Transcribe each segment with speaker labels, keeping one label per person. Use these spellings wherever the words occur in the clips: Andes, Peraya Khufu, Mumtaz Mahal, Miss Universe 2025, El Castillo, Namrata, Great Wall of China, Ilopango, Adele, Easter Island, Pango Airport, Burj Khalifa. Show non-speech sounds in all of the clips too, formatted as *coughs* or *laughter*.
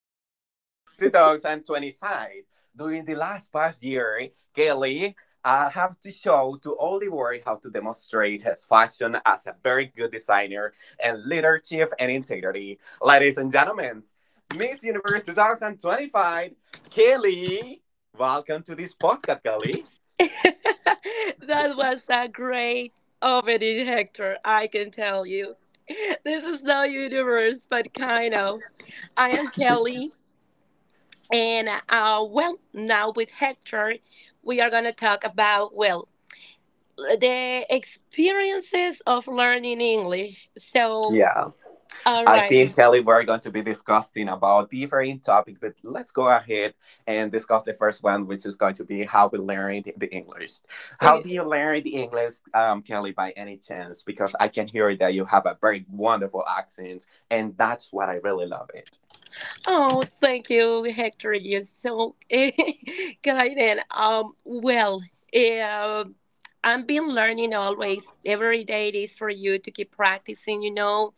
Speaker 1: of Miss Universe 2025. During the last past year, Kelly have to show to all the world how to demonstrate his fashion as a very good designer and leadership and integrity. Ladies and gentlemen, Miss Universe 2025, Kelly, welcome to this podcast, Kelly.
Speaker 2: *laughs* That was a great opening, Hector. I can tell you. This is no universe, but kind of. I am Kelly, and well, now with Hector, we are going to talk about, well, the experiences of learning English. So,
Speaker 1: Yeah.
Speaker 2: all
Speaker 1: I
Speaker 2: right.
Speaker 1: think, Kelly, we're going to be discussing about different topics, but let's go ahead and discuss the first one, which is going to be how we learn the English. How do you learn the English, Kelly, by any chance? Because I can hear that you have a very wonderful accent and that's what I really love it.
Speaker 2: Oh, thank you, Hector. You're so *laughs* guided. Well, um, I've been learning always. Every day it is for you to keep practicing, you know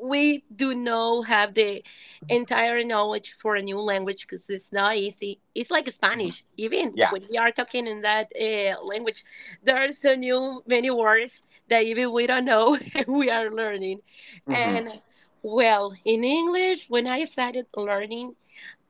Speaker 2: we do not have the entire knowledge for a new language because it's not easy. It's like
Speaker 1: Mhm.
Speaker 2: Spanish. Even
Speaker 1: Yeah.
Speaker 2: when we are talking in that language, there's a new many words that even we don't know *laughs* we are learning.
Speaker 1: Hmm.
Speaker 2: And well, in English, when I started learning.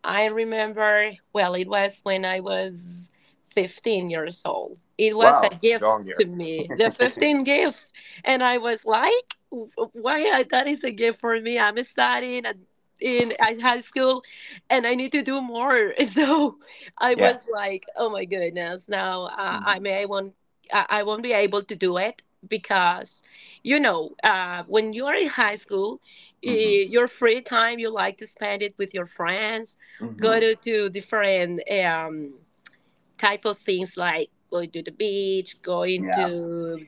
Speaker 2: I remember, well, it was when I was 15 years old. It was a
Speaker 1: Wow,
Speaker 2: gift
Speaker 1: John
Speaker 2: to
Speaker 1: here.
Speaker 2: me, the
Speaker 1: *laughs*
Speaker 2: 15 gift. And I was like, why that is a gift for me? I'm studying at, in at high school and I need to do more. *laughs* So I
Speaker 1: Yeah.
Speaker 2: was like, oh my goodness, now I
Speaker 1: hmm
Speaker 2: may I won't be able to do it because when you are in high school,
Speaker 1: hmm
Speaker 2: your free time you like to spend it with your friends go
Speaker 1: hmm
Speaker 2: to different type of things like going to the beach, going
Speaker 1: Yeah.
Speaker 2: to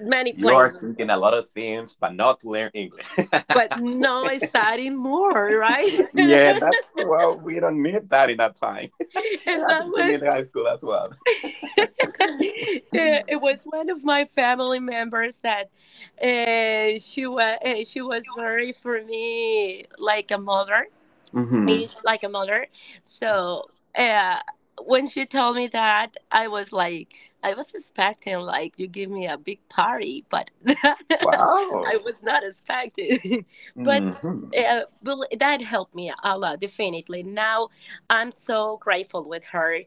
Speaker 2: many
Speaker 1: You are
Speaker 2: places,
Speaker 1: thinking a lot of things, but not learn English.
Speaker 2: but
Speaker 1: *laughs*
Speaker 2: no studying more, right? *laughs* And
Speaker 1: Yeah, that's well, we don't need that in that time. It
Speaker 2: that
Speaker 1: happened to
Speaker 2: was
Speaker 1: me in high school as well.
Speaker 2: *laughs* it was one of my family members that she was very for me like a mother
Speaker 1: Hmm.
Speaker 2: raised like a mother. So uh, when she told me that, I was like, I was expecting like you give me a big party, but *laughs* I
Speaker 1: Wow.
Speaker 2: was not expecting. *laughs* But
Speaker 1: hmm
Speaker 2: well, that helped me a lot, definitely. Now I'm so grateful with her.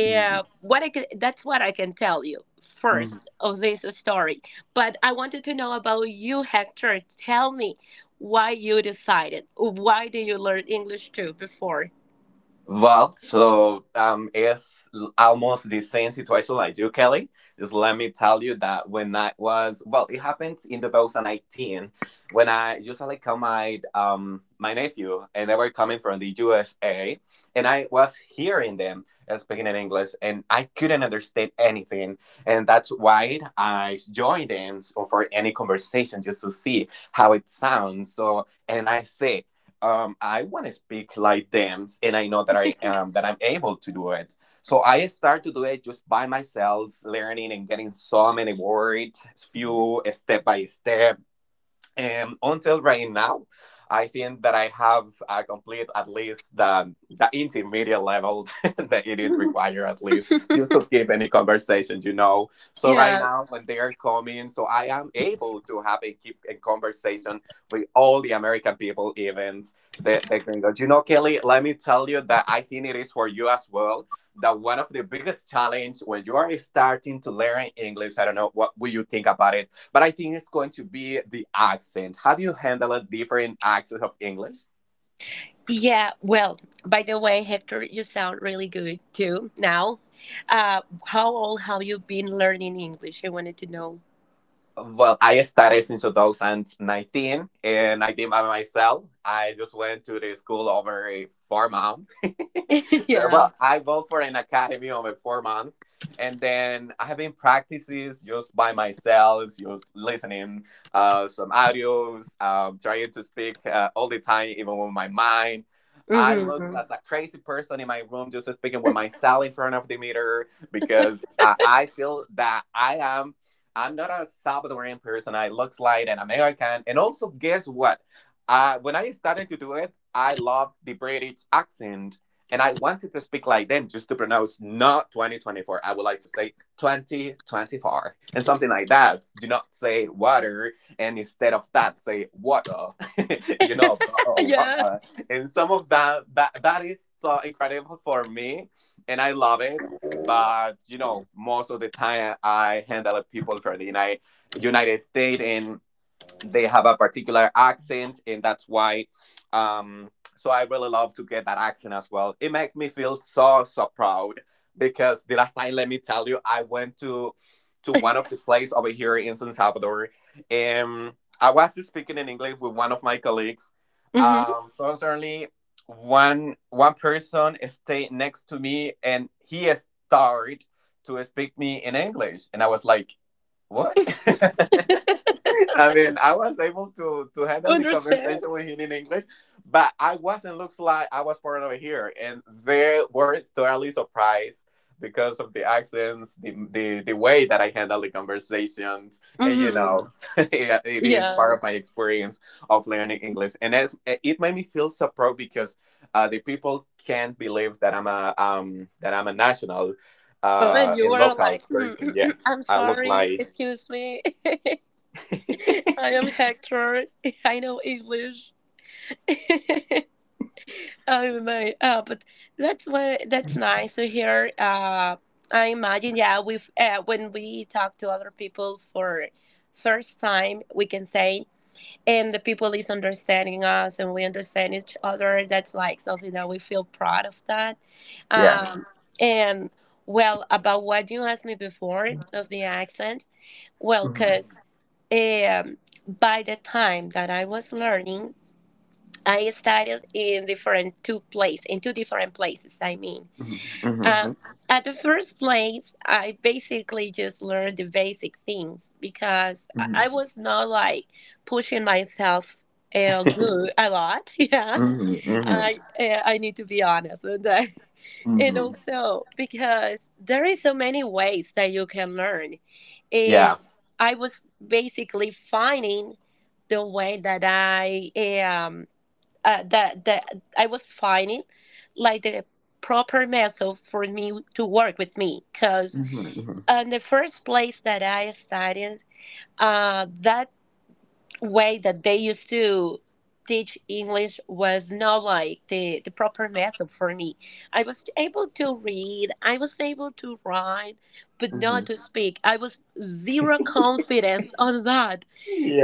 Speaker 1: hmm
Speaker 2: what I can, That's what I can tell you first of this story. But I wanted to know about you, Hector. Tell me why did you learn English too before?
Speaker 1: Well, it's almost the same situation like you, Kelly. Just let me tell you that when I was well, it happened in 2019 when I usually called my my nephew, and they were coming from the USA, and I was hearing them speaking in English, and I couldn't understand anything, and that's why I joined them so for any conversation just to see how it sounds. So, and I say I want to speak like them, and I know that I am that I'm able to do it. So I start to do it just by myself, learning and getting so many words, few step by step until right now, I think that I have complete at least the intermediate level *laughs* that it is required at least just to keep any conversation, you know. So right
Speaker 2: Yeah,
Speaker 1: now, when they are coming, so I am able to have a keep a conversation with all the American people, even they can go. You know, Kelly, let me tell you that I think it is for you as well. That one of the biggest challenge when you are starting to learn English, I don't know what will you think about it, but I think it's going to be the accent. Have you handled different accents of English?
Speaker 2: yeah. Well, by the way, Hector, you sound really good too now. How old have you been learning English? I wanted to know.
Speaker 1: Well, I started since 2019 and I did by myself. I just went to the school over 4 months,
Speaker 2: *laughs*
Speaker 1: *laughs*
Speaker 2: Yeah.
Speaker 1: well, I go for an academy over 4 months, and then I have been practices just by myself, just listening some audios, trying to speak all the time, even with my mind. I looked
Speaker 2: Mm-hmm.
Speaker 1: as a crazy person in my room, just speaking with myself in front of the mirror, because I feel that I am. I'm not a Salvadorian person. I look like an American, and also guess what? When I started to do it, I love the British accent and I wanted to speak like them just to pronounce not 2024. I would like to say 2024 and something like that. Do not say water and instead of that say water. *laughs* You know, oh,
Speaker 2: Yeah.
Speaker 1: water. And some of that is so incredible for me and I love it. But you know, most of the time I handle people from the United States and they have a particular accent and that's why um so I really love to get that accent as well. It makes me feel so so proud, because the last time let me tell you I went to one of the place over here in San Salvador and I was speaking in English with one of my colleagues,
Speaker 2: Mm-hmm.
Speaker 1: so certainly one person stayed next to me and he started to speak me in English and I was like what. *laughs* *laughs* I mean, I was able to handle the
Speaker 2: Understand.
Speaker 1: conversation with him in English, but I wasn't, looks like I was born over here, and they were totally surprised because of the accents, the the way that I handle the conversations, and you
Speaker 2: Mm-hmm.
Speaker 1: know, *laughs* yeah, it is
Speaker 2: Yeah.
Speaker 1: part of my experience of learning English, and it made me feel so proud because the people can't believe that I'm a national,
Speaker 2: Oh, and you
Speaker 1: and
Speaker 2: were like
Speaker 1: local
Speaker 2: "Mm, mm,
Speaker 1: person.
Speaker 2: mm,
Speaker 1: Yes,
Speaker 2: I'm
Speaker 1: I look
Speaker 2: sorry,
Speaker 1: like
Speaker 2: excuse me. *laughs* I am Hector. *laughs* I know English." *laughs* Oh my, but that's nice to hear. I imagine, yeah, we when we talk to other people for first time, we can say, and the people is understanding us, and we understand each other. That's like something that we feel proud of that.
Speaker 1: yeah.
Speaker 2: Um, and well, about what you asked me before of the accent, well, because um, by the time that I was learning. I studied in different two places, in two different places. I mean,
Speaker 1: Mm-hmm. Mm-hmm.
Speaker 2: um, at the first place, I basically just learned the basic things because I
Speaker 1: Mm-hmm.
Speaker 2: I was not like pushing myself good a lot. *laughs* Yeah,
Speaker 1: Mm-hmm.
Speaker 2: I need to be honest on that. *laughs* And
Speaker 1: Mm-hmm. *laughs*
Speaker 2: also because there is so many ways that you can learn,
Speaker 1: Yeah.
Speaker 2: and I was basically finding the way um. that I was finding like the proper method for me to work with me because
Speaker 1: Mm-hmm.
Speaker 2: in the first place that I studied that way that they used to teach English was not like the proper method for me. I was able to read, I was able to write, but
Speaker 1: Mm-hmm.
Speaker 2: not to speak. I was zero confidence on that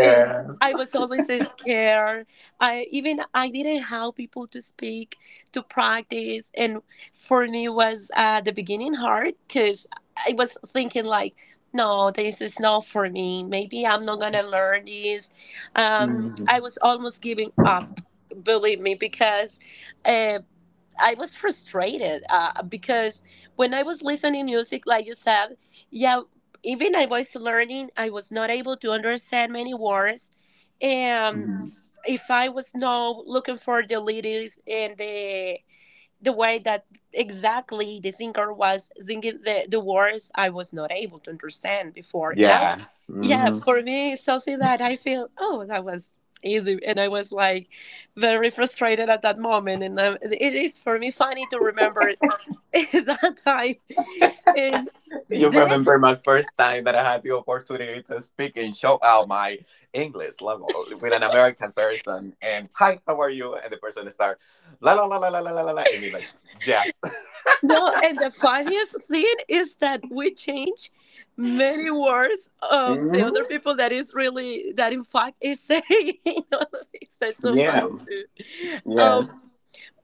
Speaker 2: and I was always so scared. I didn't have people to speak, to practice, and for me was at the beginning hard because I was thinking like, no, this is not for me. Maybe I'm not gonna learn this. I
Speaker 1: Mm-hmm.
Speaker 2: was almost giving up, believe me, because um, I was frustrated because when I was listening music, like you said, yeah, even I was learning, I was not able to understand many words. And
Speaker 1: Hmm.
Speaker 2: if I was not looking for the lyrics and the way that exactly the singer was singing the words I was not able to understand before. Now,
Speaker 1: Yeah.
Speaker 2: yeah,
Speaker 1: Mm-hmm.
Speaker 2: for me, it's something that I feel, oh, that was easy. And I was like very frustrated at that moment. And it is for me funny to remember *laughs* that time. And
Speaker 1: You
Speaker 2: then
Speaker 1: remember my first time that I had the opportunity to speak and show out my English level with an American person. And hi, how are you? And the person start la la la la la la la la, la," and me like yes. *laughs*
Speaker 2: no, and the funniest thing is that we change many words of the other
Speaker 1: Mm-hmm.
Speaker 2: people that is really that in fact is saying *laughs* all of these. That's so
Speaker 1: Yeah.
Speaker 2: funny too.
Speaker 1: Yeah.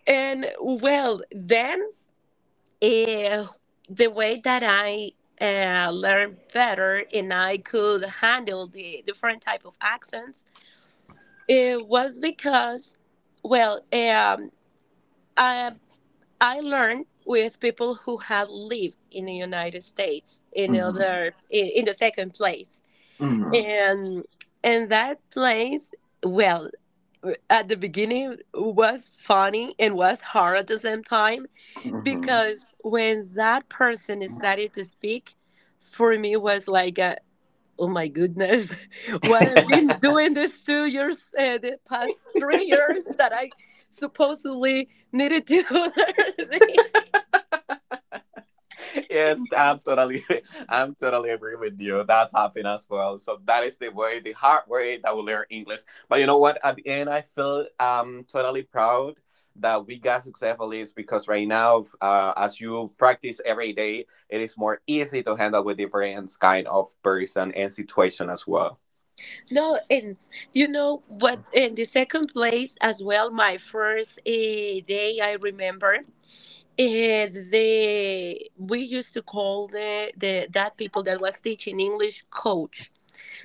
Speaker 2: And well, then uh, the way that I learned better and I could handle the different type of accents, it was because, well, uh, I learned with people who had lived in the United States in the
Speaker 1: Mm-hmm.
Speaker 2: other in the second place, and that place, well, at the beginning was funny and was hard at the same time
Speaker 1: Mm-hmm.
Speaker 2: because when that person started to speak, for me was like a, oh my goodness, *laughs* what I've been doing these 2 years, the past 3 years that I supposedly needed to *laughs* learn this.
Speaker 1: Yes, I'm totally, *laughs* I'm totally agree with you. That's happened as well. So that is the way, the hard way that we learn English. But you know what? At the end, I feel totally proud that we got successful is because right now, as you practice every day, it is more easy to handle with different kind of person and situation as well.
Speaker 2: No, and you know what? In the second place as well, my first day, I remember the we used to call the that people that was teaching English coach.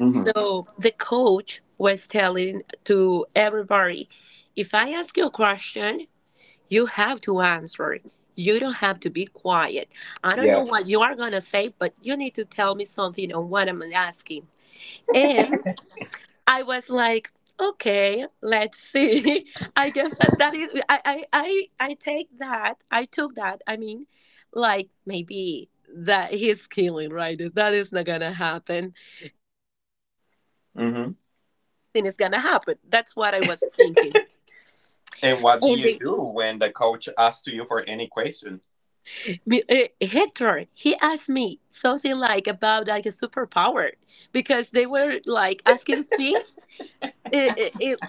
Speaker 1: Mm-hmm.
Speaker 2: So the coach was telling to everybody, if I ask you a question, you have to answer. You don't have to be quiet. I don't know
Speaker 1: Yeah.
Speaker 2: what you are gonna say, but you need to tell me something on what I'm asking. And I was like, okay, let's see. *laughs* I guess that that is I take that. I took that. I mean, like maybe that he's *laughs* killing right that is not gonna happen. That if maybe we
Speaker 1: Mm-hmm.
Speaker 2: keep quiet nothing is gonna happen, that's what I was thinking.
Speaker 1: And what do
Speaker 2: And
Speaker 1: you do when the coach asks you for any question?
Speaker 2: Hector, he asked me something like, about like a superpower, because they were like asking things it, it, it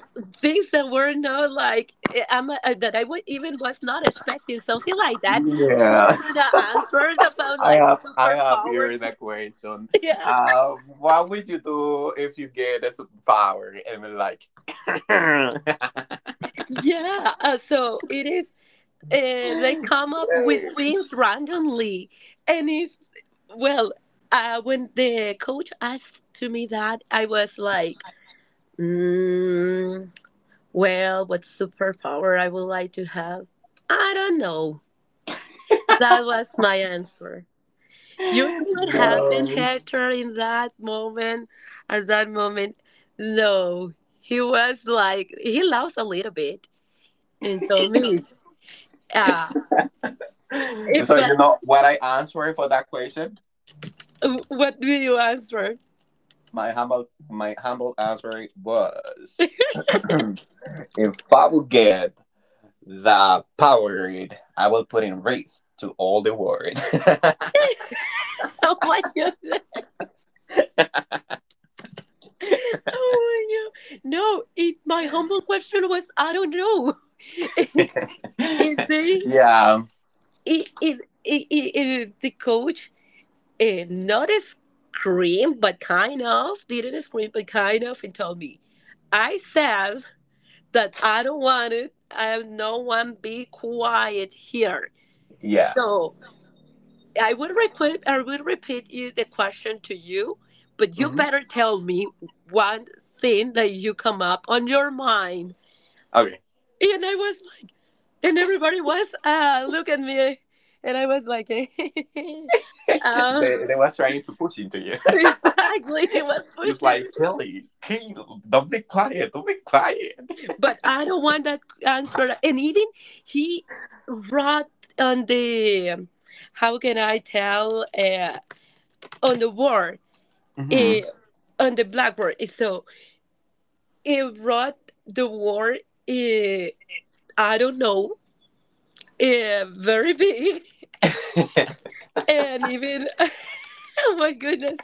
Speaker 2: things that were not like I'm that I would even was not expecting something like that. You
Speaker 1: Yeah.
Speaker 2: are gonna answer *laughs* about like
Speaker 1: I have here
Speaker 2: superpowers,
Speaker 1: in a question.
Speaker 2: *laughs* yeah,
Speaker 1: What would you do if you get a superpower and then like *coughs*
Speaker 2: yeah. So it is. They come up with things randomly, and it's well. When the coach asked to me that, I was like, mm, "Well, what superpower I would like to have? I don't know." That was my answer. You know
Speaker 1: *laughs*
Speaker 2: what happened,
Speaker 1: no.
Speaker 2: Hector, in that moment? At that moment, no, he was like, he laughed a little bit and told me, "Ah,
Speaker 1: So
Speaker 2: but
Speaker 1: you know what I answered for that question?
Speaker 2: what will you answer?" *laughs*
Speaker 1: My humble answer was *coughs* *clears throat* if I would get the power I will put in race to all the world.
Speaker 2: Oh my God. *laughs* Oh my God. No, my humble question was, I don't know. *laughs* And they,
Speaker 1: *laughs* Yeah.
Speaker 2: it, the coach, not scream, but kind of, didn't scream, but kind of, and told me, I said, that I don't want it. I have no one be quiet here.
Speaker 1: Yeah.
Speaker 2: So I would repeat you the question to you, but you
Speaker 1: Hmm.
Speaker 2: better tell me one thing that you come up on your mind.
Speaker 1: Okay.
Speaker 2: And I was like and everybody was, ah, look at me, and I was like *laughs* uh,
Speaker 1: They were trying to push into you. *laughs*
Speaker 2: exactly he was
Speaker 1: It's
Speaker 2: pushing
Speaker 1: like,
Speaker 2: me.
Speaker 1: Kelly, Kelly, don't be quiet, don't be quiet.
Speaker 2: But I don't want that answer. And even he wrote on the, how can I tell, on the word,
Speaker 1: hmm
Speaker 2: uh, on the blackboard. So he wrote the word, uh, I don't know, very big. *laughs*
Speaker 1: *laughs*
Speaker 2: And even, *laughs* oh my goodness,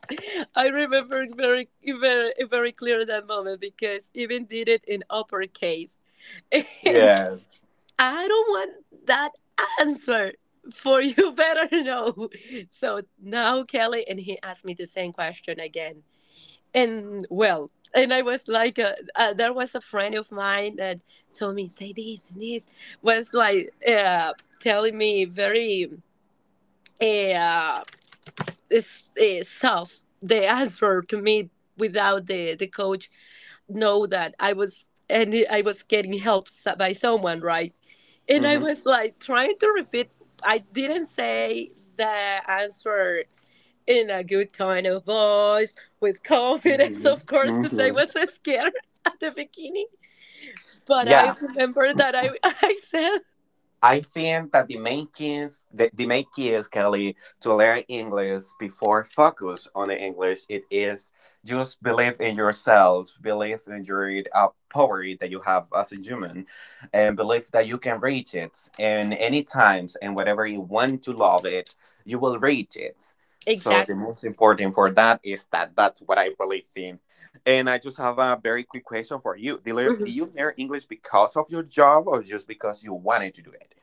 Speaker 2: I remember very, very, very clear that moment because even did it in uppercase. *laughs* I
Speaker 1: yes.
Speaker 2: don't want that answer for you *laughs* better know. So now, Kelly, and he asked me the same question again. And well, and I was like, there was a friend of mine that told me, say this and this, was like telling me very uh, soft the answer to me without the coach know that I was getting help by someone, right? And I
Speaker 1: hmm
Speaker 2: was like trying to repeat. I didn't say the answer in a good tone of voice with
Speaker 1: hmm
Speaker 2: confidence, of course, because I
Speaker 1: hmm
Speaker 2: was scared *laughs* at the beginning. But I
Speaker 1: Yeah.
Speaker 2: remember that I *laughs* I said
Speaker 1: I think that the main keys, the main key is Kelly to learn English before focus on the English. It is just believe in yourself, believe in your power that you have as a human, and believe that you can reach it in any times and whatever you want to love it, you will reach it. So the
Speaker 2: exactly.
Speaker 1: most important for that is that's what I really think. And I just have a very quick question for you. Do
Speaker 2: Mhm.
Speaker 1: you learn English because of your job or just because you wanted to do it?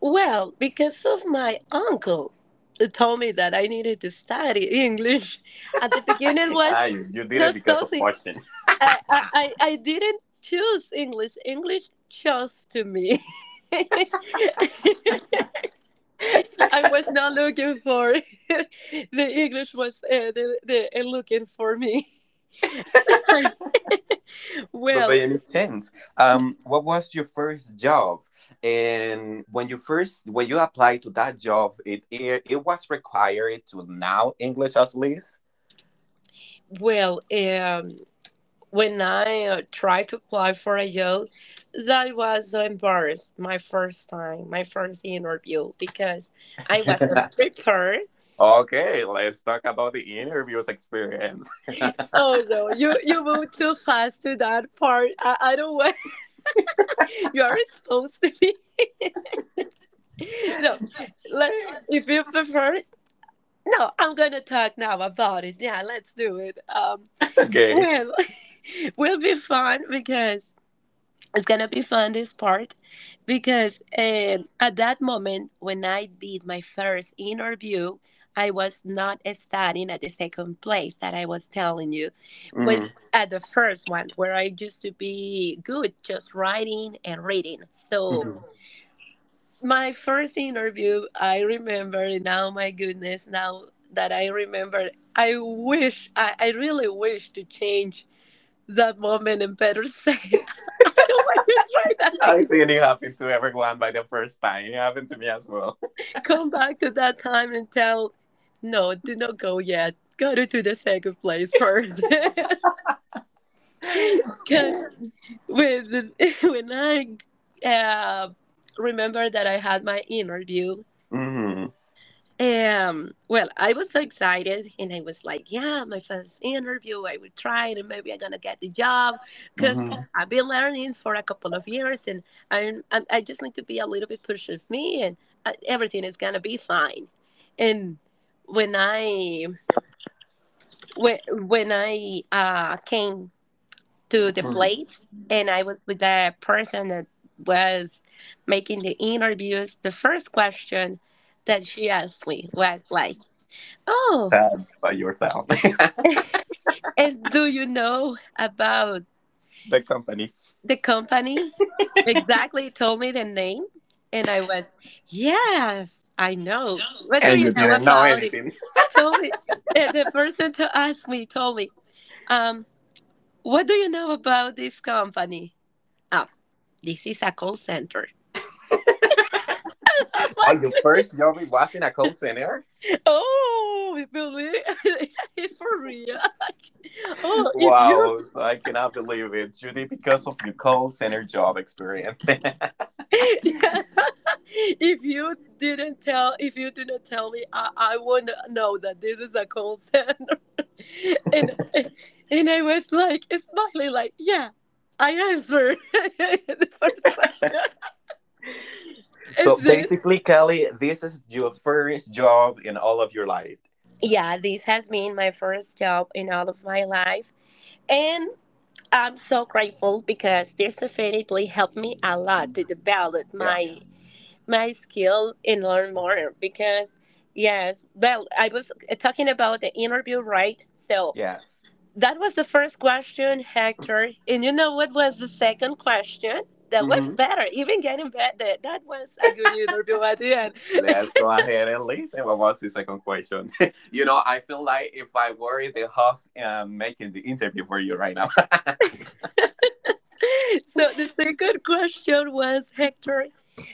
Speaker 2: Well, because of my uncle, who told me that I needed to study English. At the beginning was
Speaker 1: Ah, you did it
Speaker 2: just
Speaker 1: because of
Speaker 2: nothing
Speaker 1: fortune. *laughs*
Speaker 2: I didn't choose English. English chose to me. *laughs* I was not looking for *laughs* the English was the looking for me. *laughs* I,
Speaker 1: But by
Speaker 2: well,
Speaker 1: any chance, what was your first job? And when you first when you applied to that job, it was required to now English at least.
Speaker 2: well, when I tried to apply for a job, that was so embarrassed my first time, my first interview because I wasn't prepared.
Speaker 1: Okay, let's talk about the interviews experience.
Speaker 2: Oh no, you moved too fast to that part. I don't want. You are supposed to be. No, let's, if you prefer, no, I'm gonna talk now about it. Yeah, let's do it.
Speaker 1: *laughs* Okay.
Speaker 2: Well, *laughs* will be fun because it's gonna be fun this part because at that moment when I did my first interview, I was not studying at the second place that I was telling you, was
Speaker 1: Mm.
Speaker 2: at the first one where I used to be good just writing and reading. So
Speaker 1: Mhm.
Speaker 2: my first interview, I remember now, my goodness, now that I remember, I wish, I really wish to change that moment and better say, *laughs* I don't want to try that
Speaker 1: I think it
Speaker 2: again.
Speaker 1: happened to everyone by the first time. It happened to me as well.
Speaker 2: Come back to that time and tell, no, do not go yet. Go to the second place first. *laughs* Because
Speaker 1: *laughs*
Speaker 2: when, *laughs* when I remember that I had my interview,
Speaker 1: hmm
Speaker 2: Well, I was so excited and I was like, yeah, my first interview, I will try it and maybe I'm gonna get the job because
Speaker 1: hmm
Speaker 2: I've been learning for a couple of years and I just need to be a little bit push with me and everything is gonna be fine. And when I when I came to the place and I was with the person that was making the interviews, the first question that she asked me was like, "Oh,
Speaker 1: Tell me about yourself, *laughs*
Speaker 2: and do you know about
Speaker 1: the company,
Speaker 2: the company?" Exactly, told me the name, and I was, yes, I know. What do
Speaker 1: and
Speaker 2: you
Speaker 1: you
Speaker 2: know
Speaker 1: didn't know
Speaker 2: about it?
Speaker 1: anything.
Speaker 2: Tell me. The person to ask me told me, um, what do you know about this company? Oh, this is a call center. *laughs* Oh my
Speaker 1: Oh, your first
Speaker 2: goodness!
Speaker 1: job was in a call center?
Speaker 2: Oh, believe *laughs* it's for real. *laughs* Oh, if you
Speaker 1: Wow, so I cannot believe it, Judy, because of your call center job experience.
Speaker 2: yeah. *laughs* If you didn't tell me, I wouldn't know that this is a call center. *laughs* and and I was like smiling like, yeah, I answered *laughs* the first question.
Speaker 1: *laughs*
Speaker 2: And
Speaker 1: So
Speaker 2: then,
Speaker 1: basically, Kelly, this is your first job in all of your life.
Speaker 2: yeah, this has been my first job in all of my life, and I'm so grateful because this definitely helped me a lot to develop
Speaker 1: Yeah,
Speaker 2: my skill and learn more because, yes, well, I was talking about the interview, right? So
Speaker 1: yeah.
Speaker 2: that was the first question, Hector, and you know what was the second question? That was
Speaker 1: Hmm.
Speaker 2: better, even getting better. That was a good interview at the end. *laughs*
Speaker 1: Let's go ahead and listen. What was the second question? *laughs* You know, I feel like if I were in the house making the interview for you right now. *laughs*
Speaker 2: So the second question was, Hector,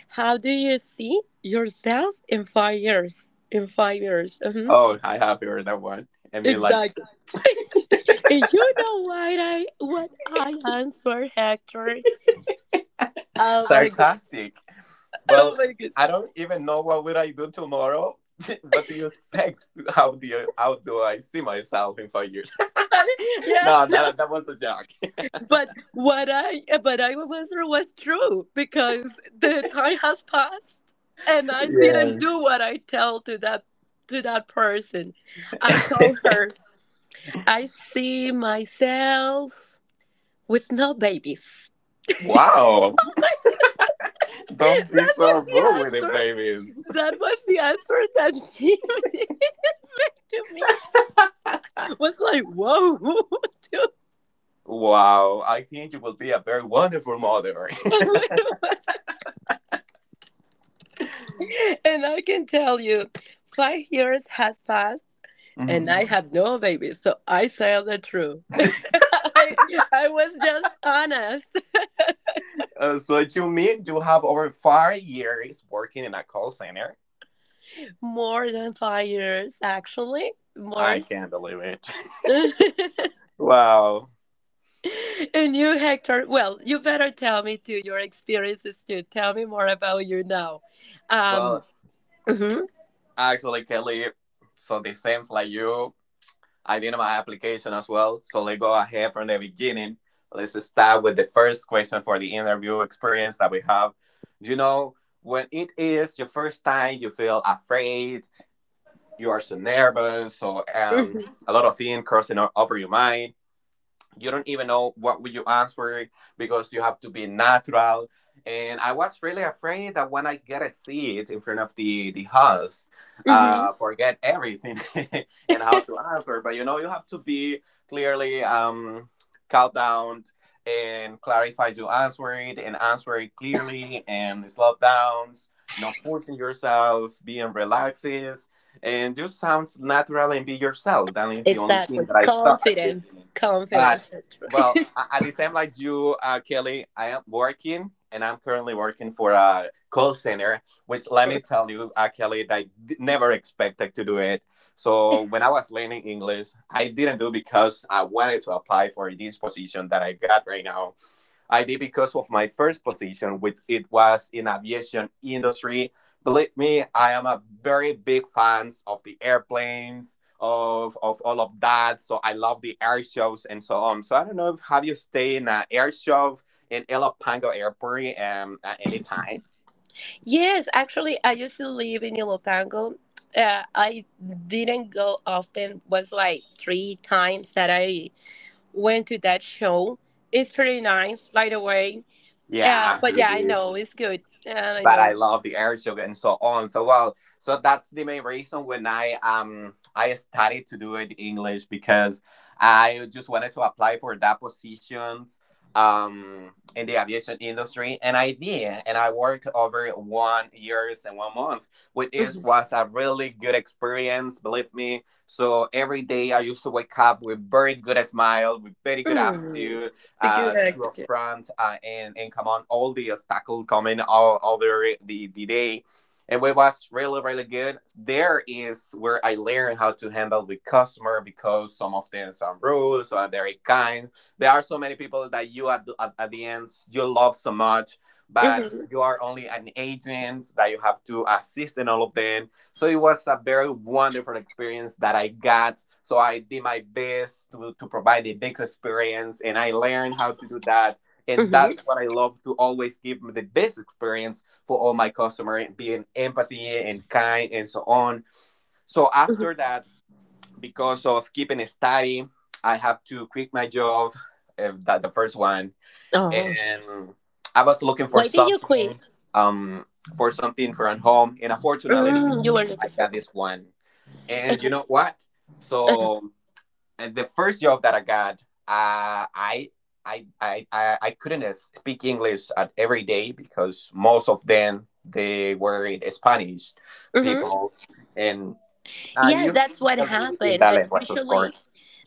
Speaker 2: how do you see yourself In 5 years hmm,
Speaker 1: Oh, I have heard that one. I mean, like
Speaker 2: exactly. *laughs* And you know what I answered, Hector? Oh my god.
Speaker 1: sarcastic.
Speaker 2: Oh
Speaker 1: Well,
Speaker 2: my god.
Speaker 1: I don't even know what will I do tomorrow. *laughs* What do you expect? *laughs* How do I see myself in 5 years?
Speaker 2: *laughs*
Speaker 1: *laughs*
Speaker 2: Yeah,
Speaker 1: No,
Speaker 2: no.
Speaker 1: that was a joke.
Speaker 2: But what I but I answer was true because the time has passed and I didn't do what I tell to that person. I told her I see myself with no babies. *laughs*
Speaker 1: *laughs* Wow, don't be
Speaker 2: That was
Speaker 1: so
Speaker 2: the
Speaker 1: rude with the
Speaker 2: answer.
Speaker 1: babies.
Speaker 2: That was the answer that she *laughs* made to me. Was like, whoa, *laughs* dude,
Speaker 1: Wow, I think you will be a very wonderful mother.
Speaker 2: *laughs*
Speaker 1: *laughs*
Speaker 2: where, *laughs* and I can tell you, 5 years has passed, and
Speaker 1: Mhm.
Speaker 2: I have no baby. So I tell the truth. *laughs* I I was just honest.
Speaker 1: So you mean you have over 5 years working in a call center?
Speaker 2: More than 5 years, actually, more.
Speaker 1: I can't believe it.
Speaker 2: *laughs* And
Speaker 1: *laughs* Wow.
Speaker 2: you, Hector. Well, you better tell me too your experiences too. Tell me more about you now. Um.
Speaker 1: Well,
Speaker 2: Mhm,
Speaker 1: actually, Kelly, so this seems like you I did my application as well. So let's go ahead from the beginning. Let's start with the first question for the interview experience that we have. You know, when it is your first time, you feel afraid, you are so nervous, so
Speaker 2: mhm,
Speaker 1: a lot of things crossing over your mind, you don't even know what would you answer, because you have to be natural, and I was really afraid that when I get a seat in front of the house,
Speaker 2: mhm.
Speaker 1: forget everything *laughs* and how to answer. But you know you have to be clearly, calm down and clarify your answer it and answer it clearly and slow downs, not pushing yourselves, being relaxes and just sounds natural and be yourself. That
Speaker 2: *laughs*
Speaker 1: is the only thing
Speaker 2: Exactly.
Speaker 1: that I thought at the
Speaker 2: Confidence.
Speaker 1: beginning but.
Speaker 2: Confidence.
Speaker 1: Well, at the same like you, Kelly, I am working and I'm currently working for a call center, which let me tell you, Kelly, that never expected to do it. So when I was learning English, I didn't do because I wanted to apply for this position that I got right now. I did because of my first position, which it was in aviation industry. Believe me, I am a very big fans of the airplanes, of all of that. So I love the air shows and so on. So I don't know if have you stayed in an air show in Pango Airport at any time?
Speaker 2: Yes, actually, I used to live in Ilopango. I didn't go often. Was like three times that I went to that show. It's pretty nice, by the way.
Speaker 1: Yeah,
Speaker 2: But
Speaker 1: it
Speaker 2: yeah, I
Speaker 1: is.
Speaker 2: know it's good, and I
Speaker 1: But I
Speaker 2: know,
Speaker 1: love the air yoga and so on. So well, so that's the main reason when I started to do it in English because I just wanted to apply for that positions in the aviation industry, and I did, and I worked over 1 years and 1 month, which is
Speaker 2: mhm,
Speaker 1: was a really good experience, believe me. So every day I used to wake up with very good smile, with very good
Speaker 2: mhm,
Speaker 1: aptitude,
Speaker 2: the good
Speaker 1: two up
Speaker 2: attitude.
Speaker 1: front, and come on all the obstacle coming all over the day. And it was really, really good. There is where I learned how to handle the customer, because some of them some rude, some are very kind. There are so many people that you at at the end you love so much, but
Speaker 2: Mm-hmm.
Speaker 1: you are only an agent that you have to assist in all of them, so it was a very wonderful experience that I got. So I did my best to provide the best experience, and I learned how to do that. And
Speaker 2: Mm-hmm.
Speaker 1: that's what I love, to always give the best experience for all my customers, being empathy and kind and so on. So after
Speaker 2: Hmm.
Speaker 1: that, because of keeping study, I have to quit my job, that the first one.
Speaker 2: Oh,
Speaker 1: And I was looking
Speaker 2: why did you quit?
Speaker 1: um, for something from home. And unfortunately,
Speaker 2: You were
Speaker 1: I
Speaker 2: looking for.
Speaker 1: got this one. And you know what? So and the first job that I got, uh, I I couldn't speak English at every day, because most of them they were in Spanish
Speaker 2: Mm-hmm.
Speaker 1: people, and
Speaker 2: Yeah,
Speaker 1: you
Speaker 2: that's what
Speaker 1: have to handle it in
Speaker 2: happened.
Speaker 1: that
Speaker 2: That
Speaker 1: language, of course.
Speaker 2: usually,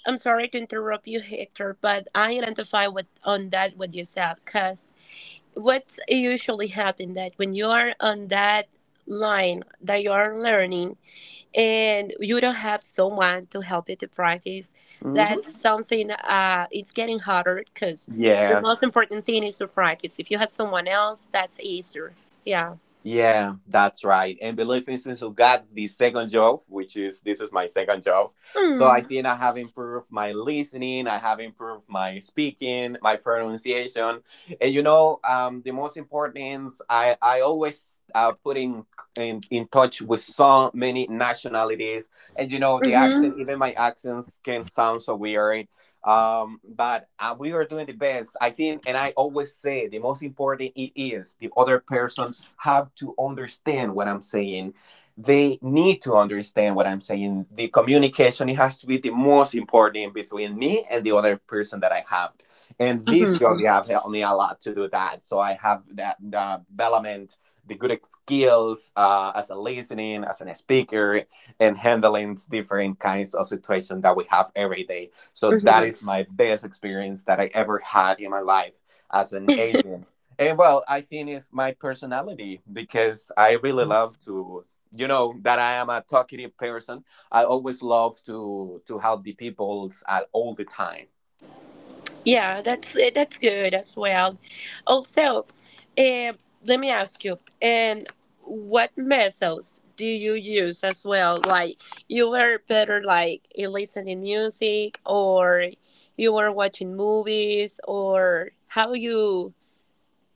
Speaker 2: I'm sorry to interrupt you, Hector, but I identify with on that what you said, cause what usually happen that when you are on that line that you are learning and you don't have someone to help you to practice,
Speaker 1: Hmm.
Speaker 2: that's, mhm, something. It's getting harder, cause the most
Speaker 1: Yes.
Speaker 2: important thing is to practice. If you have someone else, that's easier. Yeah.
Speaker 1: Yeah, that's right. And the life instance who got the second job, which is this is my second job. So I
Speaker 2: Mm.
Speaker 1: think I have improved my listening, I have improved my speaking, my pronunciation. And you know, the most important is I always put in in touch with so many nationalities. And you know, the accent,
Speaker 2: Mhm.
Speaker 1: even my accents can sound so weird. But We are doing the best, I think, and I always say the most important it is the other person have to understand what I'm saying. They need to understand what I'm saying. The communication it has to be the most important between me and the other person that I have. And this job
Speaker 2: Mhm.
Speaker 1: you have helped me a lot to do that. So I have that the development, the good skills as a listening, as a speaker, and handling different kinds of situations that we have every day. So that
Speaker 2: Mhm.
Speaker 1: is
Speaker 2: *laughs*
Speaker 1: my best experience that I ever had in my life as an agent. And well, I think it's my personality, because I really love to, you know, that I am a talkative person. I always love to help the peoples at all the time.
Speaker 2: Yeah, that's good as well. Also, um, let me ask you, and what methods do you use as well? Like you were better like listening music, or you were watching movies, or how you?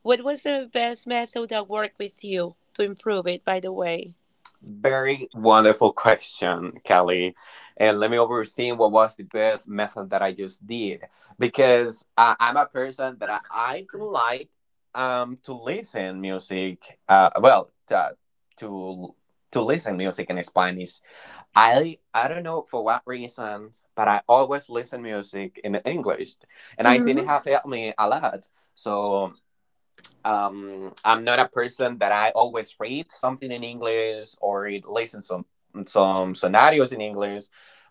Speaker 2: What was the best method that worked with you to improve it, by the way?
Speaker 1: Very wonderful question, Kelly. And let me overthink what was the best method that I just did, because I'm a person that I do like to listen music. To to listen music in Spanish, I don't know for what reason, but I always listen music in English, and I think it
Speaker 2: Mhm.
Speaker 1: have helped me a lot. So I'm not a person that I always read something in English or listen some scenarios in English,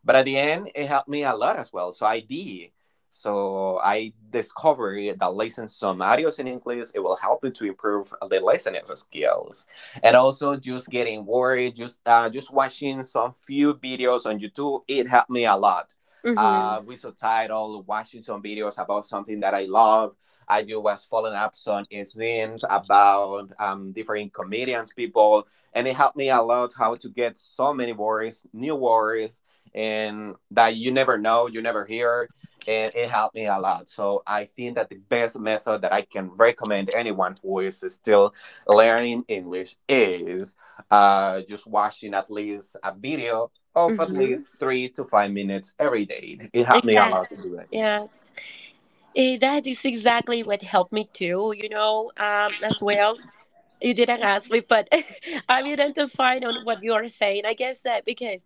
Speaker 1: but at the end it helped me a lot as well. So I did, so I discovered that listening scenarios in English it will help you to improve the listening skills. And also just getting worried, just watching some few videos on YouTube, it helped me a lot
Speaker 2: Mhm.
Speaker 1: with subtitle, watching some videos about something that I love. I you was following up some scenes about different comedians, people, and it helped me a lot how to get so many words, new words, and that you never know, you never hear. And it helped me a lot. So I think that the best method that I can recommend anyone who is still learning English is just watching at least a video of at
Speaker 2: Mhm.
Speaker 1: least 3 to 5 minutes every day. It helped me a lot to
Speaker 2: Exactly.
Speaker 1: do it.
Speaker 2: Yes. That is exactly what helped me too, as well. You didn't ask me, but *laughs* I'm identifying on what you are saying. I guess that because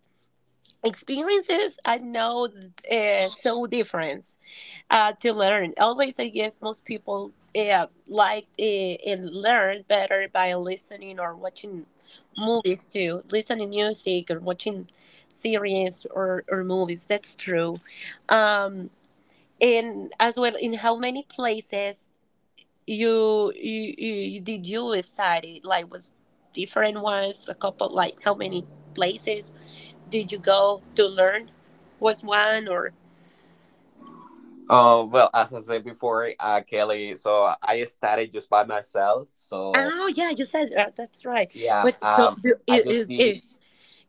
Speaker 2: experiences I know so different to learn. Always, I guess most people like and learn better by listening or watching movies too, listening music or watching series or movies. That's true. Um, and as well, in how many places did you decide it, like was different ones, a couple, like how many places did you go to learn? Was one or,
Speaker 1: As I said before, Kelly, so I started just by myself. So
Speaker 2: oh yeah, you said that's right.
Speaker 1: yeah,
Speaker 2: But so
Speaker 1: I just did.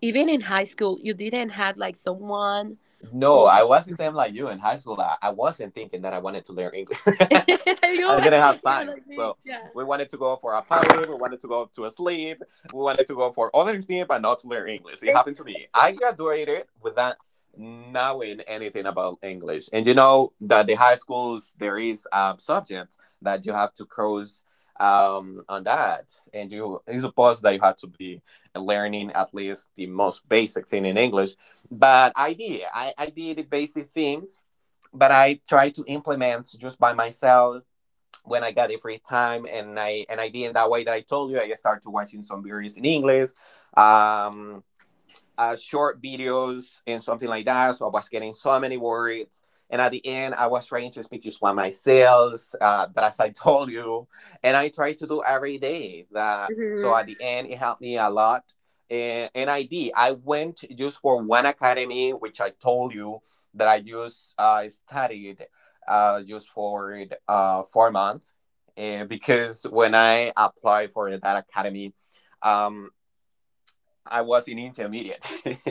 Speaker 2: even in high school you didn't have like someone
Speaker 1: No,
Speaker 2: or
Speaker 1: I was the same like you in high school. I wasn't thinking that I wanted to learn English.
Speaker 2: *laughs* you
Speaker 1: *laughs* I didn't
Speaker 2: were-
Speaker 1: have
Speaker 2: yeah,
Speaker 1: time.
Speaker 2: like me,
Speaker 1: So
Speaker 2: yeah.
Speaker 1: we wanted to go for a party, we wanted to go to a sleep, we wanted to go for other things, but not to learn English. It happened
Speaker 2: *laughs*
Speaker 1: to me. I graduated without knowing anything about English. And you know that the high schools there is subjects that you have to cross on that, and you it's supposed that you have to be learning at least the most basic thing in English, but I did. I did the basic things, but I tried to implement just by myself when I got the free time, and I did in that way that I told you. I started watching some videos in English. Um, Short videos and something like that. So I was getting so many words. And at the end, I was trying to speak just one myself, but as I *laughs* told you, and I try to do every day that. So at the end, it helped me a lot. And I did. I went just for one academy, which I told you that I just studied just for 4 months. Because when I applied for that academy, um. I was in intermediate.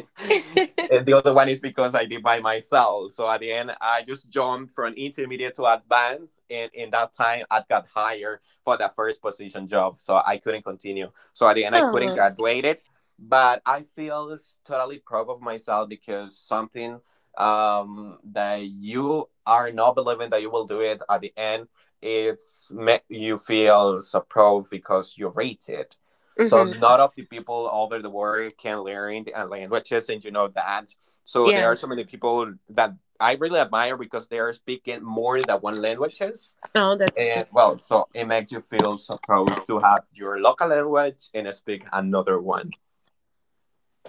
Speaker 1: *laughs* And the other one is because I did by myself. So at the end, I just jumped from intermediate to advanced. And in that time, I got hired for the first position job. So I couldn't continue. So at the end, I couldn't *laughs*
Speaker 2: Oh.
Speaker 1: graduate it. But I feel totally proud of myself, because something that you are not believing that you will do it, at the end, it's make you feel so proud, because you reach it. So
Speaker 2: Hmm.
Speaker 1: none of the people over the world can learn the languages, and you know that. So there are
Speaker 2: Yes.
Speaker 1: so many people that I really admire because they are speaking more than one languages.
Speaker 2: Oh, that's true.
Speaker 1: And well, so it makes you feel so proud to have your local language and speak another one.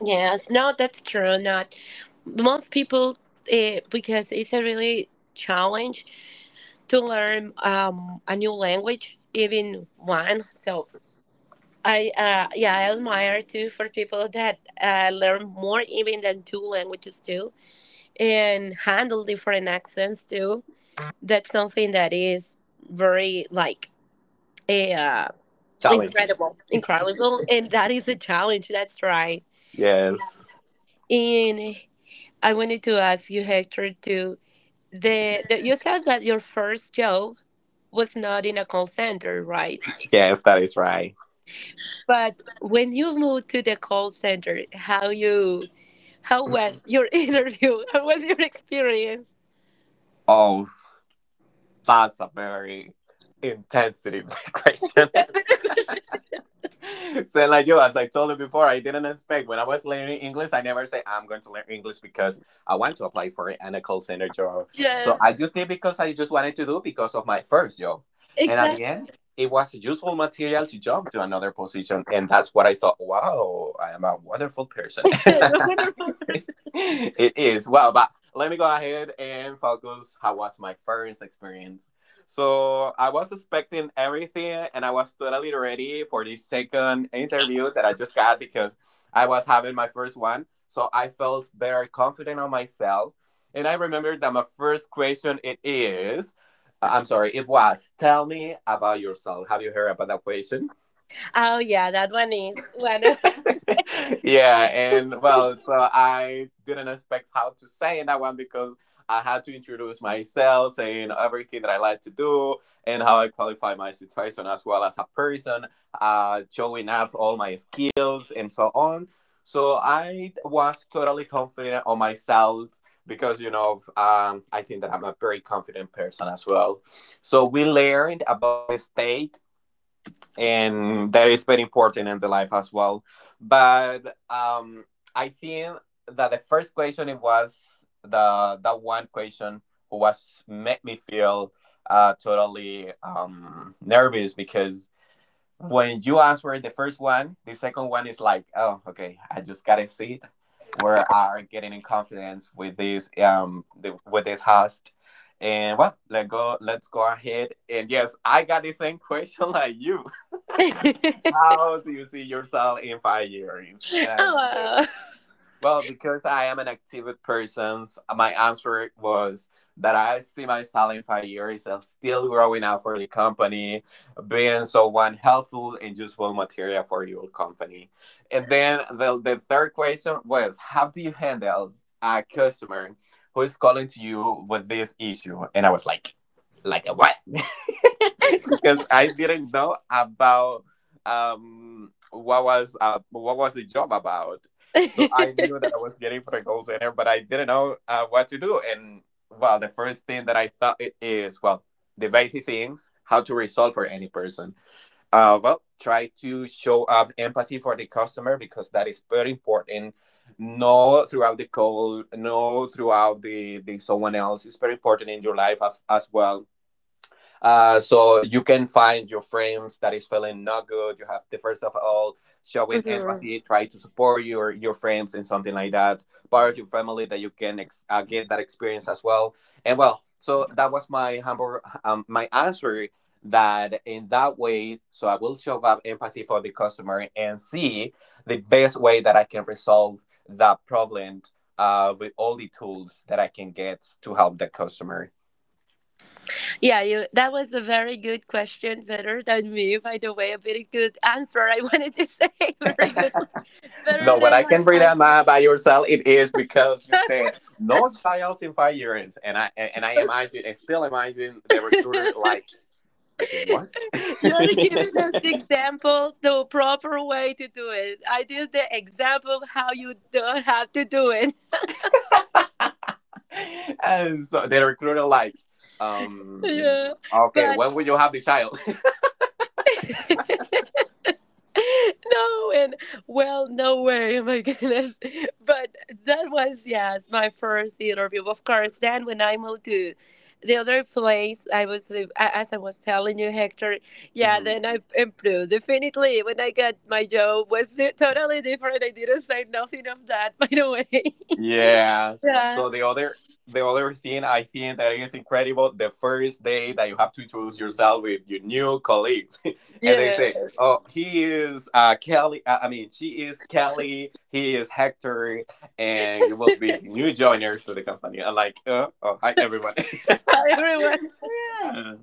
Speaker 2: Yes, no, that's true. Not most people, because it's a really challenge to learn a new language, even one. So yeah, I admire too for people that learn more even than two languages too, and handle different accents too. That's something that is very like eh, uh,
Speaker 1: Challenging.
Speaker 2: incredible, incredible, and that is the challenge. That's right.
Speaker 1: Yes.
Speaker 2: And, I wanted to ask you, Hector, to the you said that your first job was not in a call center, right?
Speaker 1: Yes, that is right.
Speaker 2: But when you moved to the call center, how was your *laughs* interview? How was your experience?
Speaker 1: Oh, that's a very intensive *laughs* question.
Speaker 2: *laughs* That's
Speaker 1: *laughs*
Speaker 2: the question.
Speaker 1: *laughs* So like yo, as I told you before, I didn't expect when I was learning English, I never say I'm going to learn English because I want to apply for an a call center job. So
Speaker 2: Yes,
Speaker 1: I just did because I just wanted to do because of my first job. And at the
Speaker 2: exactly.
Speaker 1: end, it was useful material to jump to another position. And that's what I thought, wow, I am a wonderful person.
Speaker 2: *laughs* You're a
Speaker 1: *laughs*
Speaker 2: wonderful person.
Speaker 1: *laughs* It is. Well, but let me go ahead and focus how was my first experience. So I was expecting everything and I was totally ready for the second interview that I just got, because I was having my first one. So I felt very confident on myself. And I remember that my first question it is I'm sorry, it was tell me about yourself. Have you heard about that question?
Speaker 2: Oh yeah, that one is one
Speaker 1: *laughs* Yeah, and well, so I didn't expect how to say in that one, because I had to introduce myself, saying everything that I like to do and how I qualify my situation as well as a person, showing up all my skills and so on. So I was totally confident on myself, because you know I think that I'm a very confident person as well. So we learned about the mistake and that is very important in the life as well. But I think that the first question it was the that one question was made me feel totally nervous, because when you answer the first one, the second one is like, oh, okay, I just gotta see it. We are getting in confidence with this with this host. And well, let go. Let's go ahead. And yes, I got the same *laughs* question like you,
Speaker 2: *laughs*
Speaker 1: how do you see yourself in 5 years? And I was like,
Speaker 2: oh.
Speaker 1: well, because I am an active person, my answer was that I see myself in 5 years as still growing up for the company, being someone helpful and useful material for your company. And then the third question was, how do you handle a customer who is calling to you with this issue? And I was like a what? *laughs* because I didn't know about what was the job about. So I knew that I was getting for a call center, but I didn't know what to do. And well, the first thing that I thought it is well, the basic things how to resolve for any person. Well, try to show up empathy for the customer because that is very important. No throughout the call, no throughout the someone else. It's very important in your life as well, so you can find your friends that is feeling not good. You have to first of all showing
Speaker 2: Wow. *laughs*
Speaker 1: empathy, try to support your friends and something like that. Part of your family that you can get that experience as well. And well, so that was my humble my answer. That in that way, so I will show up empathy for the customer and see the best way that I can resolve that problem with all the tools that I can get to help the customer.
Speaker 2: Yeah, you, that was a very good question. Better than me, by the way. A very good answer. I *laughs* wanted to say *laughs* very good, better
Speaker 1: No, when
Speaker 2: than
Speaker 1: I can breathe
Speaker 2: my
Speaker 1: out my by yourself, it is because you said
Speaker 2: answer.
Speaker 1: no child in 5 years, and I am Isaac, and still am the recruiter like
Speaker 2: *laughs*
Speaker 1: like what? *laughs*
Speaker 2: You're giving us example the proper way to do it. I did the example how you don't have to do it. *laughs*
Speaker 1: And so the recruiter like um
Speaker 2: Yeah,
Speaker 1: okay,
Speaker 2: but
Speaker 1: when will you have the child? *laughs*
Speaker 2: *laughs* *laughs* no, and well, no way, *laughs* oh my goodness. But that was, yes, my first interview. Of course, then when I moved to the other place, I was, as I was telling you, Hector, yeah,
Speaker 1: Mhm.
Speaker 2: then I improved. Definitely, when I got my job was totally different. I didn't say nothing of that, *laughs* by the way. *laughs*
Speaker 1: Yeah.
Speaker 2: Yeah,
Speaker 1: So the other thing I think that is incredible, the first day that you have to introduce yourself with your new colleagues, *laughs* and they
Speaker 2: yeah.
Speaker 1: say, "Oh, he is Kelly. I mean, she is Kelly. He is Hector, and you will be the new joiner to the company." I'm like, "Oh, hi everyone." *laughs*
Speaker 2: Everyone.
Speaker 1: Yeah.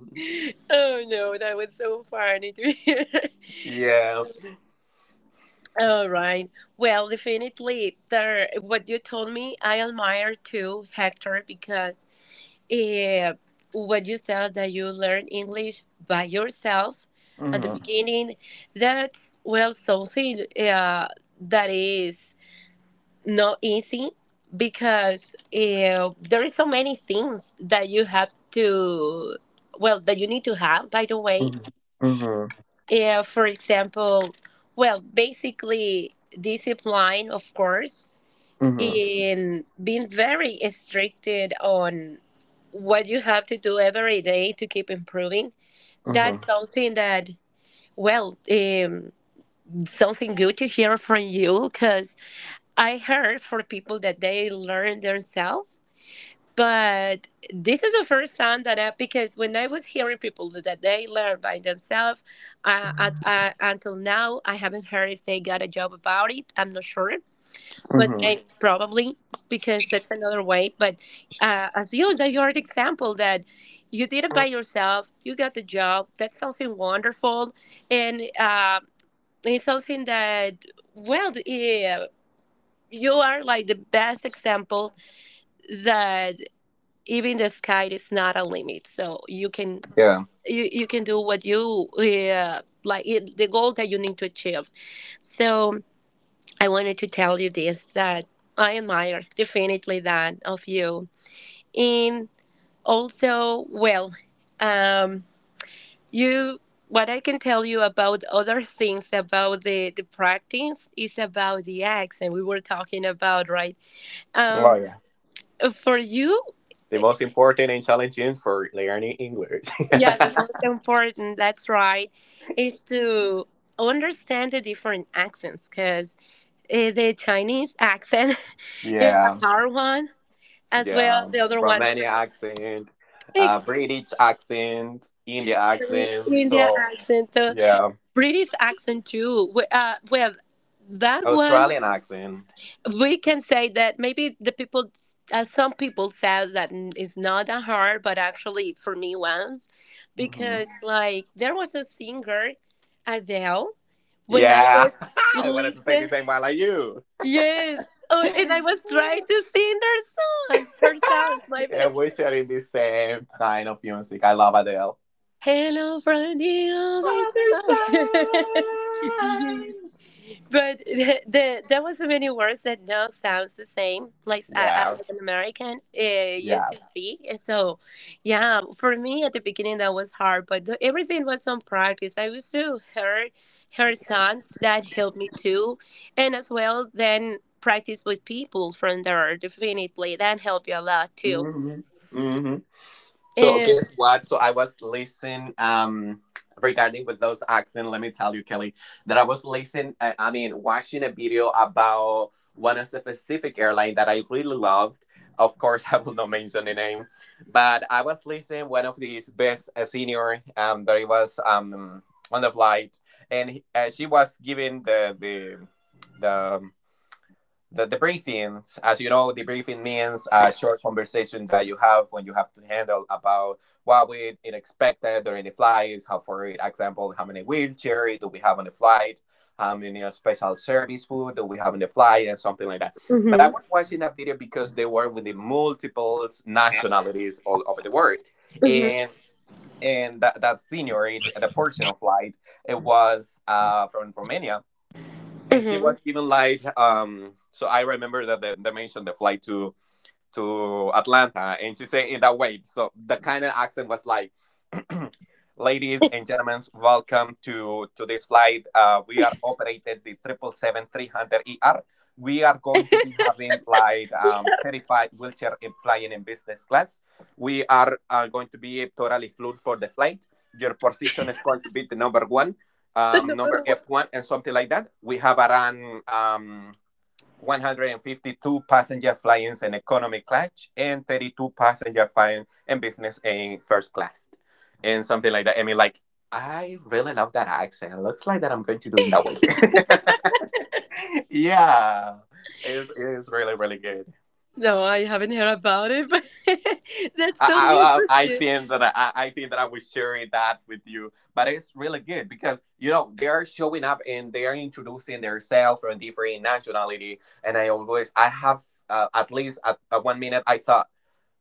Speaker 2: Oh, no, that was so funny to hear.
Speaker 1: Yeah.
Speaker 2: All right. Well, definitely, there. What you told me, I admire too, Hector, because uh, what you said that you learn English by yourself at the, mhm,
Speaker 1: Mhm.
Speaker 2: beginning, that's, well, something that is not easy because there is so many things that you have to, well, that you need to have, by the way,
Speaker 1: Mhm. Mhm.
Speaker 2: yeah, for example, well, basically discipline, of course,
Speaker 1: Mhm.
Speaker 2: in being very stricted on what you have to do every day to keep improving. That's
Speaker 1: Mhm.
Speaker 2: something that, well, something good to hear from you because I heard for people that they learn themselves, but this is the first time that I, because when I was hearing people that they learn by themselves, until now, I haven't heard if they got a job about it. I'm not sure, but
Speaker 1: Mhm.
Speaker 2: may probably because that's another way. But as you, that your example that you did it by yourself, you got the job. That's something wonderful, and it's something that, well, yeah, you are like the best example that even the sky is not a limit, so you can
Speaker 1: Yeah.
Speaker 2: you, you can do what you like it, the goal that you need to achieve. So I wanted to tell you this, that I admire definitely that of you. And also, well, um you what I can tell you about other things about the practice is about the accent we were talking about, right?
Speaker 1: Oh
Speaker 2: um
Speaker 1: yeah.
Speaker 2: for you,
Speaker 1: The most important and challenging for learning English. *laughs*
Speaker 2: yeah, the most important, that's right, is to understand the different accents because the Chinese accent *laughs* is a
Speaker 1: Yeah,
Speaker 2: hard one, as well
Speaker 1: yeah.
Speaker 2: the other one,
Speaker 1: Romanian accent,
Speaker 2: ex-
Speaker 1: British accent, India accent.
Speaker 2: India
Speaker 1: So
Speaker 2: accent, so
Speaker 1: yeah,
Speaker 2: British accent too. Well, that one,
Speaker 1: Australian accent.
Speaker 2: we can say that maybe the people, some people said that it's not that hard, but actually for me was
Speaker 1: Hmm.
Speaker 2: because like there was a singer, Adele. When I was
Speaker 1: Yeah, *laughs* I wanted to say the
Speaker 2: listening,
Speaker 1: same one like you.
Speaker 2: yes.
Speaker 1: *laughs*
Speaker 2: Oh, and
Speaker 1: Yeah,
Speaker 2: I was trying to sing their songs, her songs, my bad.
Speaker 1: we're sharing the same kind of music. I love Adele.
Speaker 2: Hello from the
Speaker 1: Father,
Speaker 2: other side. *laughs*
Speaker 1: son.
Speaker 2: But there was so many words that now sounds the same,
Speaker 1: Yeah,
Speaker 2: like an American used
Speaker 1: yeah.
Speaker 2: to speak. And so, yeah, for me at the beginning that was hard, but everything was on practice. I used to hear her songs that helped me too, and as well then practice with people from there. Definitely that helped you a lot too.
Speaker 1: hmm So
Speaker 2: And
Speaker 1: guess what? So I was listening regarding with those accent. Let me tell you, Kelly, that I was listening. I mean, watching a video about one of the Pacific airline that I really loved. Of course, *laughs* I will not mention the name, but I was listening one of these best senior that it was on the flight, and she was giving the um, the debriefing, as you know, debriefing means a short conversation that you have when you have to handle about what we it expected during the flights. How, for example, how many wheelchair do we have on the flight? How many special service food do we have on the flight and something like that. But I
Speaker 2: hmm
Speaker 1: was watching that video because they were with the multiple nationalities all over the world,
Speaker 2: hmm
Speaker 1: and that senior, the portion of flight, it was from Romania and she
Speaker 2: hmm
Speaker 1: was given like, So I remember that they mentioned the flight to Atlanta, and she said in that way. So the kind of accent was like. *clears throat* Ladies and gentlemen, welcome to today's flight. We are operated the 777-300ER. We are going to be having like 35 wheelchair in flying in business class. We are going to be totally fluid for the flight. Your position is going to be the number one,
Speaker 2: the
Speaker 1: number
Speaker 2: number one.
Speaker 1: F1, and something like that. We have around 152 passenger flying in economy class and 32 passenger flying in business in first class and something like that. I mean, like, I really love that accent. Looks like that I'm going to do in that one. *laughs* Yeah, it is really, really good.
Speaker 2: No, I haven't heard about it, but *laughs* that's so
Speaker 1: I
Speaker 2: interesting.
Speaker 1: think that I was sharing that with you, but it's really good because you know they are showing up and they are introducing themselves from different nationality. And I always I have at least at 1 minute I thought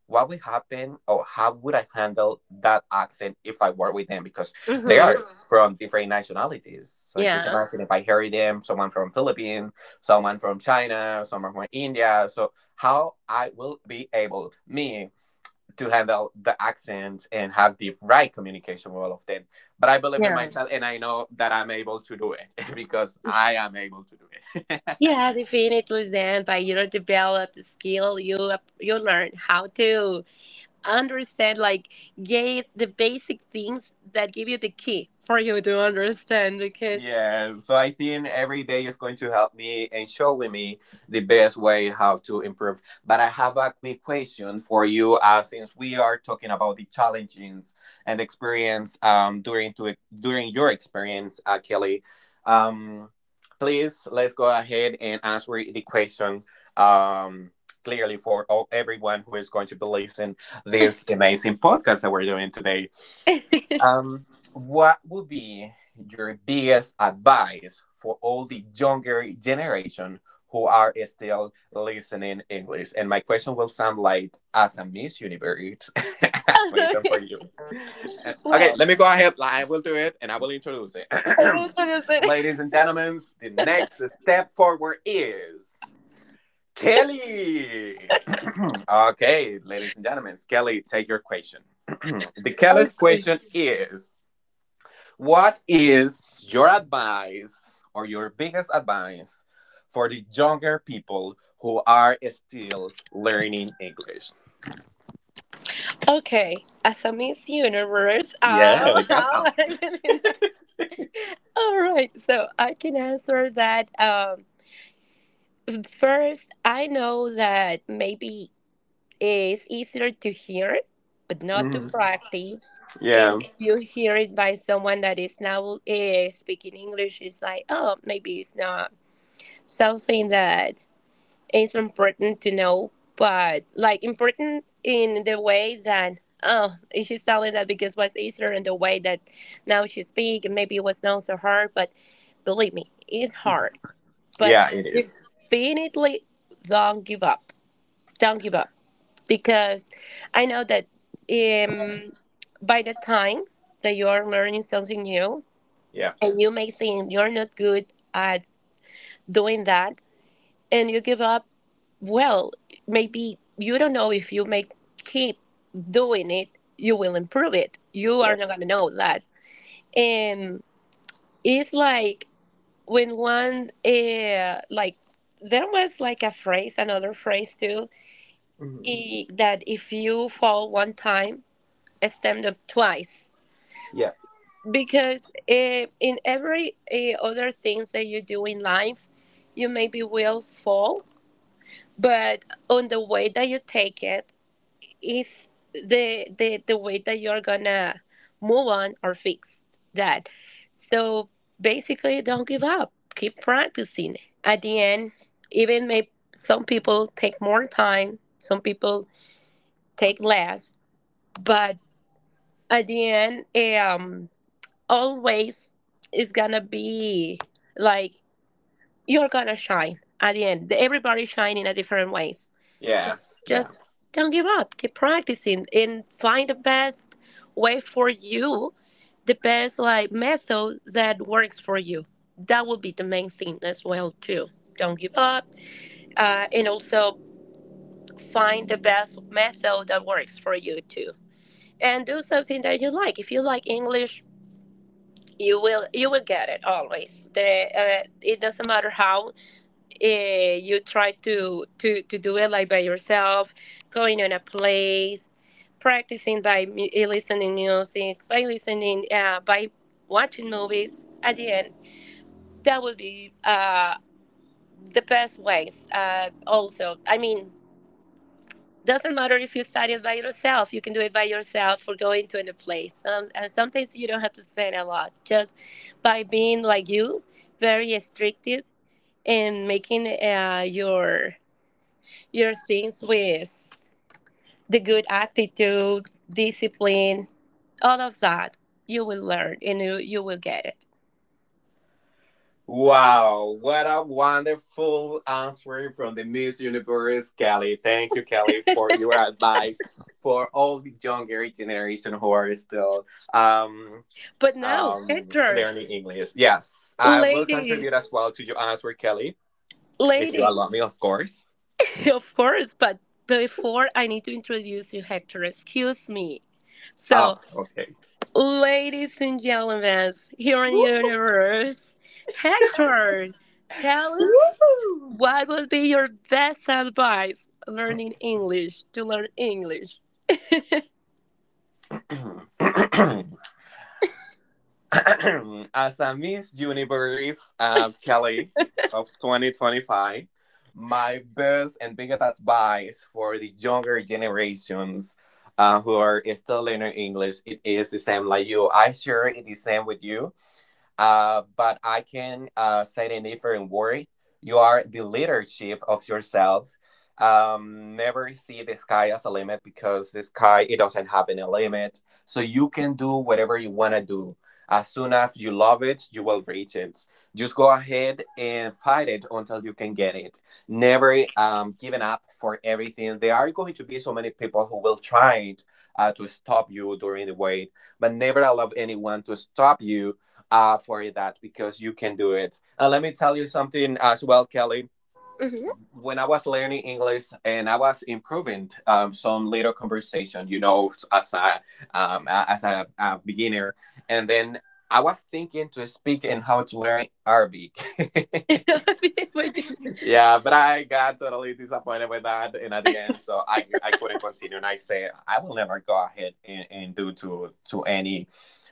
Speaker 1: what would happen or how would I handle that accent if I were with them because they
Speaker 2: hmm
Speaker 1: are from different nationalities. So just
Speaker 2: Yes.
Speaker 1: imagine if I hear them, someone from Philippines, someone from China, someone from India. So how I will be able me to handle the accents and have the right communication with all of them. But I believe in
Speaker 2: Yeah.
Speaker 1: myself and I know that I'm able to do it *laughs* because I am able to do it. *laughs*
Speaker 2: Yeah, definitely then by develop the skill you you learn how to understand, like, get the basic things that give you the key for you to understand because
Speaker 1: Yeah, so I think every day is going to help me and showing me the best way how to improve. But I have a quick question for you, since we are talking about the challenges and experience during your experience, Kelly. Um, please let's go ahead and answer the question um, clearly for everyone who is going to be listening this amazing podcast that we're doing today.
Speaker 2: *laughs*
Speaker 1: Um, what would be your biggest advice for all the younger generation who are still listening English? And my question will sound like as a Miss Universe *laughs* question for you. Okay,
Speaker 2: well,
Speaker 1: let me go ahead. Like, I will do it and I will introduce it.
Speaker 2: I will
Speaker 1: *clears throat*
Speaker 2: introduce it.
Speaker 1: Ladies
Speaker 2: *laughs*
Speaker 1: and gentlemen, the next step forward is Kelly. *clears throat* Okay, ladies and gentlemen, Kelly, take your question. *clears throat* The Kelly's
Speaker 2: Okay.
Speaker 1: question is what is your advice or your biggest advice for the younger people who are still learning English?
Speaker 2: Okay. As a Miss Universe,
Speaker 1: Yeah, they
Speaker 2: oh, *laughs*
Speaker 1: got
Speaker 2: oh,
Speaker 1: that.
Speaker 2: I really know. All right, so I can answer that, first I know that maybe is easier to hear, but not to
Speaker 1: Mhm.
Speaker 2: practice. And
Speaker 1: Yeah,
Speaker 2: you hear it by someone that is now speaking English, it's like, oh, maybe it's not something that is important to know, but like important in the way that, oh, she's telling that because it was easier in the way that now she speak, and maybe it was not so hard, but believe me, it's hard. But
Speaker 1: yeah, it is.
Speaker 2: definitely don't give up. Don't give up because I know that um, by the time that you are learning something new
Speaker 1: Yeah,
Speaker 2: and you may think you're not good at doing that and you give up, well, maybe you don't know, if you may keep doing it, you will improve it. You
Speaker 1: yeah,
Speaker 2: are not going to know that. And it's like when one, there was like a phrase, another phrase too,
Speaker 1: Mhm.
Speaker 2: that if you fall one time, stand up twice
Speaker 1: Yeah,
Speaker 2: because in every other things that you do in life you maybe will fall, but on the way that you take it is the way that you're gonna move on or fix that. So basically don't give up, keep practicing. At the end, even may some people take more time, some people take less, but at the end always is gonna be like you're gonna shine at the end. Everybody's shining at different ways. So
Speaker 1: yeah, yeah.
Speaker 2: just Yeah. don't give up. Keep practicing and find the best way for you, the best, like, method that works for you. That would be the main thing as well too. Don't give up, and also find the best method that works for you too. And do something that you like. If you like English, you will get it always. The it doesn't matter how you try to do it, like by yourself, going on a place practicing by listening music, by listening, by watching movies. At the end, that would be the best ways. Also, I mean, doesn't matter if you study it by yourself, you can do it by yourself or going to any place, and sometimes you don't have to spend a lot, just by being like you very restricted and making your things with the good attitude, discipline, all of that. You will learn and you will get
Speaker 1: Wow, what a wonderful answer from the Miss Universe, Kelly. Thank you, Kelly, for your
Speaker 2: it.
Speaker 1: advice for all the younger generation who are still um
Speaker 2: *laughs* But now, Hector,
Speaker 1: learning English. Yes, I will contribute
Speaker 2: ladies
Speaker 1: as well to your answer, Kelly, if you
Speaker 2: ladies
Speaker 1: allow me, of course.
Speaker 2: *laughs* Of course, but before I need to introduce you, Hector, excuse me. So,
Speaker 1: Oh, okay.
Speaker 2: ladies and gentlemen, here in
Speaker 1: Woo!
Speaker 2: universe, Hector, tell us
Speaker 1: Woo!
Speaker 2: what would be your best advice learning English, to learn English. *laughs*
Speaker 1: *clears throat* As a Miss Universe of Kelly of 2025, my best and biggest advice for the younger generations who are still learning English, it is the same like you. I share it the same with you. But I can say it in a different word. You are the leadership of yourself. Never see the sky as a limit because the sky it doesn't have any limit. So you can do whatever you wanna do. As soon as you love it, you will reach it. Just go ahead and fight it until you can get it. Never giving up for everything. There are going to be so many people who will try to stop you during the way, but never allow anyone to stop you for that because you can do it. And let me tell you something as well, Kelly.
Speaker 2: Mhm.
Speaker 1: When I was learning English and I was improving some little conversation, as a beginner, and then I was thinking to speak and how to learn Arabic. *laughs*
Speaker 2: *laughs* My goodness.
Speaker 1: Yeah, but I got totally disappointed with that, and at the end, so I couldn't continue, and I said I will never go ahead and do to any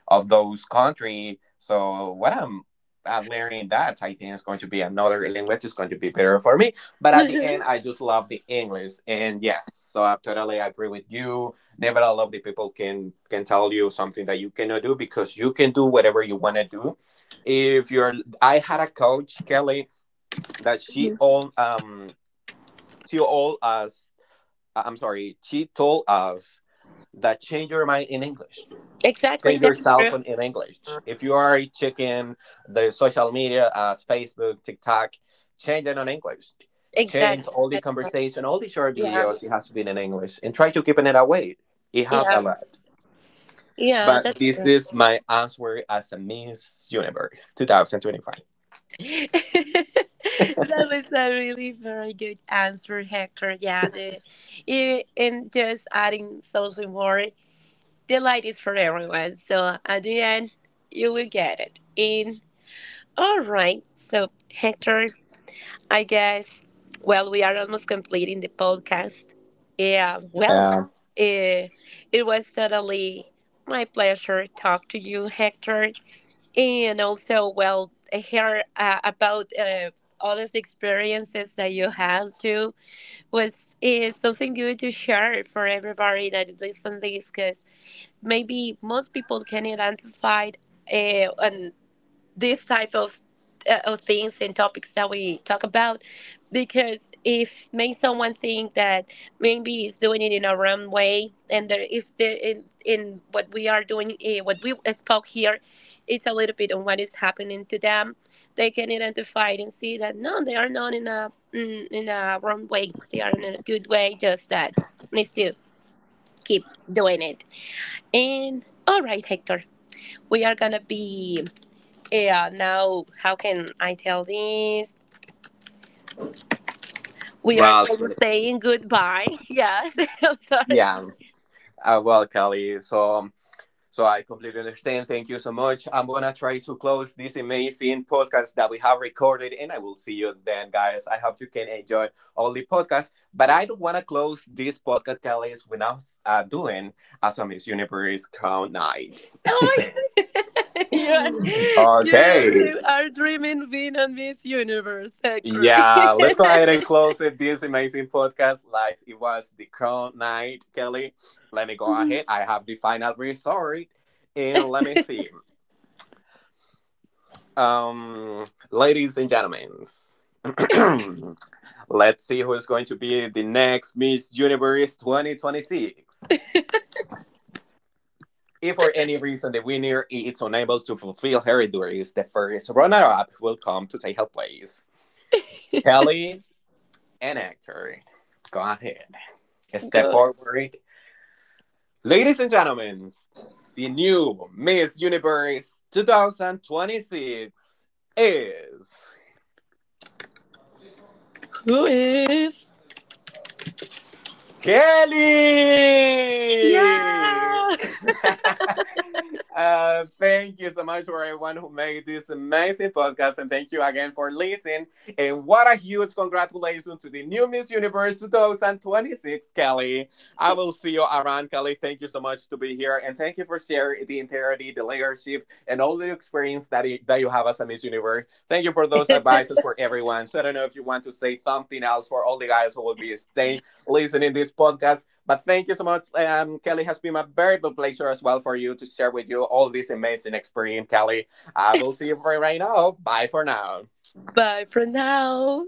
Speaker 1: of those country. So what I'm learning that I think is going to be another language is going to be better for me. But at the
Speaker 2: Mhm.
Speaker 1: end, I just love the English, and yes, so I totally agree with you. Never a lot of the people can tell you something that you cannot do because you can do whatever you want to do. If I had a coach, Kelly that
Speaker 2: *laughs*
Speaker 1: she all us I'm sorry, she told us that change your mind in English.
Speaker 2: exactly,
Speaker 1: Change your
Speaker 2: that's
Speaker 1: cell
Speaker 2: true.
Speaker 1: phone in English. If you are checking the social media as Facebook, TikTok, change it on English. Change
Speaker 2: Exactly.
Speaker 1: all the
Speaker 2: That's right.
Speaker 1: conversation, all the short
Speaker 2: Yeah,
Speaker 1: videos, it has to be in English and try to keep it away. It help
Speaker 2: yeah,
Speaker 1: a lot.
Speaker 2: yeah.
Speaker 1: But
Speaker 2: That's
Speaker 1: this is my answer as a Miss Universe 2025.
Speaker 2: *laughs* that was a really very good answer, Hector. Yeah, and just adding something more, the light is for everyone. So at the end, you will get it. In all right. So Hector, I guess, well, we are almost completing the podcast. Yeah. Well,
Speaker 1: Um,
Speaker 2: eh, it was totally my pleasure talk to you, Hector. And also, well, hear about all of the experiences that you had too was, is something good to share for everybody that listen this, because maybe most people can identify and this type of things and topics that we talk about, because if makes someone think that maybe is doing it in a wrong way, and there, if they in what we are doing, what we spoke here is a little bit on what is happening to them, they can identify it and see that no, they are not in a in a wrong way, they are in a good way, just that needs to keep doing it. And all right, Hector, we are gonna be yeah, now how can I tell this? We are
Speaker 1: well, Kelly-
Speaker 2: almost saying goodbye. Yes, *laughs* I'm sorry.
Speaker 1: yeah, well, Kelly. So I completely understand. Thank you so much. I'm gonna try to close this amazing podcast that we have recorded, and I will see you then, guys. I hope you can enjoy all the podcast. But I don't wanna close this podcast, Kelly's, without doing as a Miss Universe Crown Night. *laughs*
Speaker 2: Oh my, *laughs* you are, you
Speaker 1: Okay.
Speaker 2: really are dreaming being on Miss Universe, actually. *laughs*
Speaker 1: Yeah, let's go ahead and close it. This amazing podcast, like it was the crown night, Kelly. Let me go ahead. I have the final resort, and let me see. Um, ladies and gentlemen, *clears throat* let's see who is going to be the next Miss Universe 2026. If for any reason the winner is unable to fulfill her duties, the first runner-up will come to take her place. Kelly, an actor. Go ahead, step
Speaker 2: Go.
Speaker 1: forward, ladies and gentlemen. The new Miss Universe 2026 is
Speaker 2: Who is?
Speaker 1: Kelly!
Speaker 2: Yeah.
Speaker 1: *laughs* Thank you so much for everyone who made this amazing podcast, and thank you again for listening. And what a huge congratulations to the new Miss Universe 2026, Kelly. I will see you around, Kelly. Thank you so much to be here, and thank you for sharing the entirety, the leadership, and all the experience that you have as a Miss Universe. Thank you for those advices for everyone. So I don't know if you want to say something else for all the guys who will be staying listening this podcast. But thank you so much, Kelly. It has been a very big pleasure as well for you to share with you all this amazing experience, Kelly. I will see you for right now. Bye for now.
Speaker 2: Bye for now.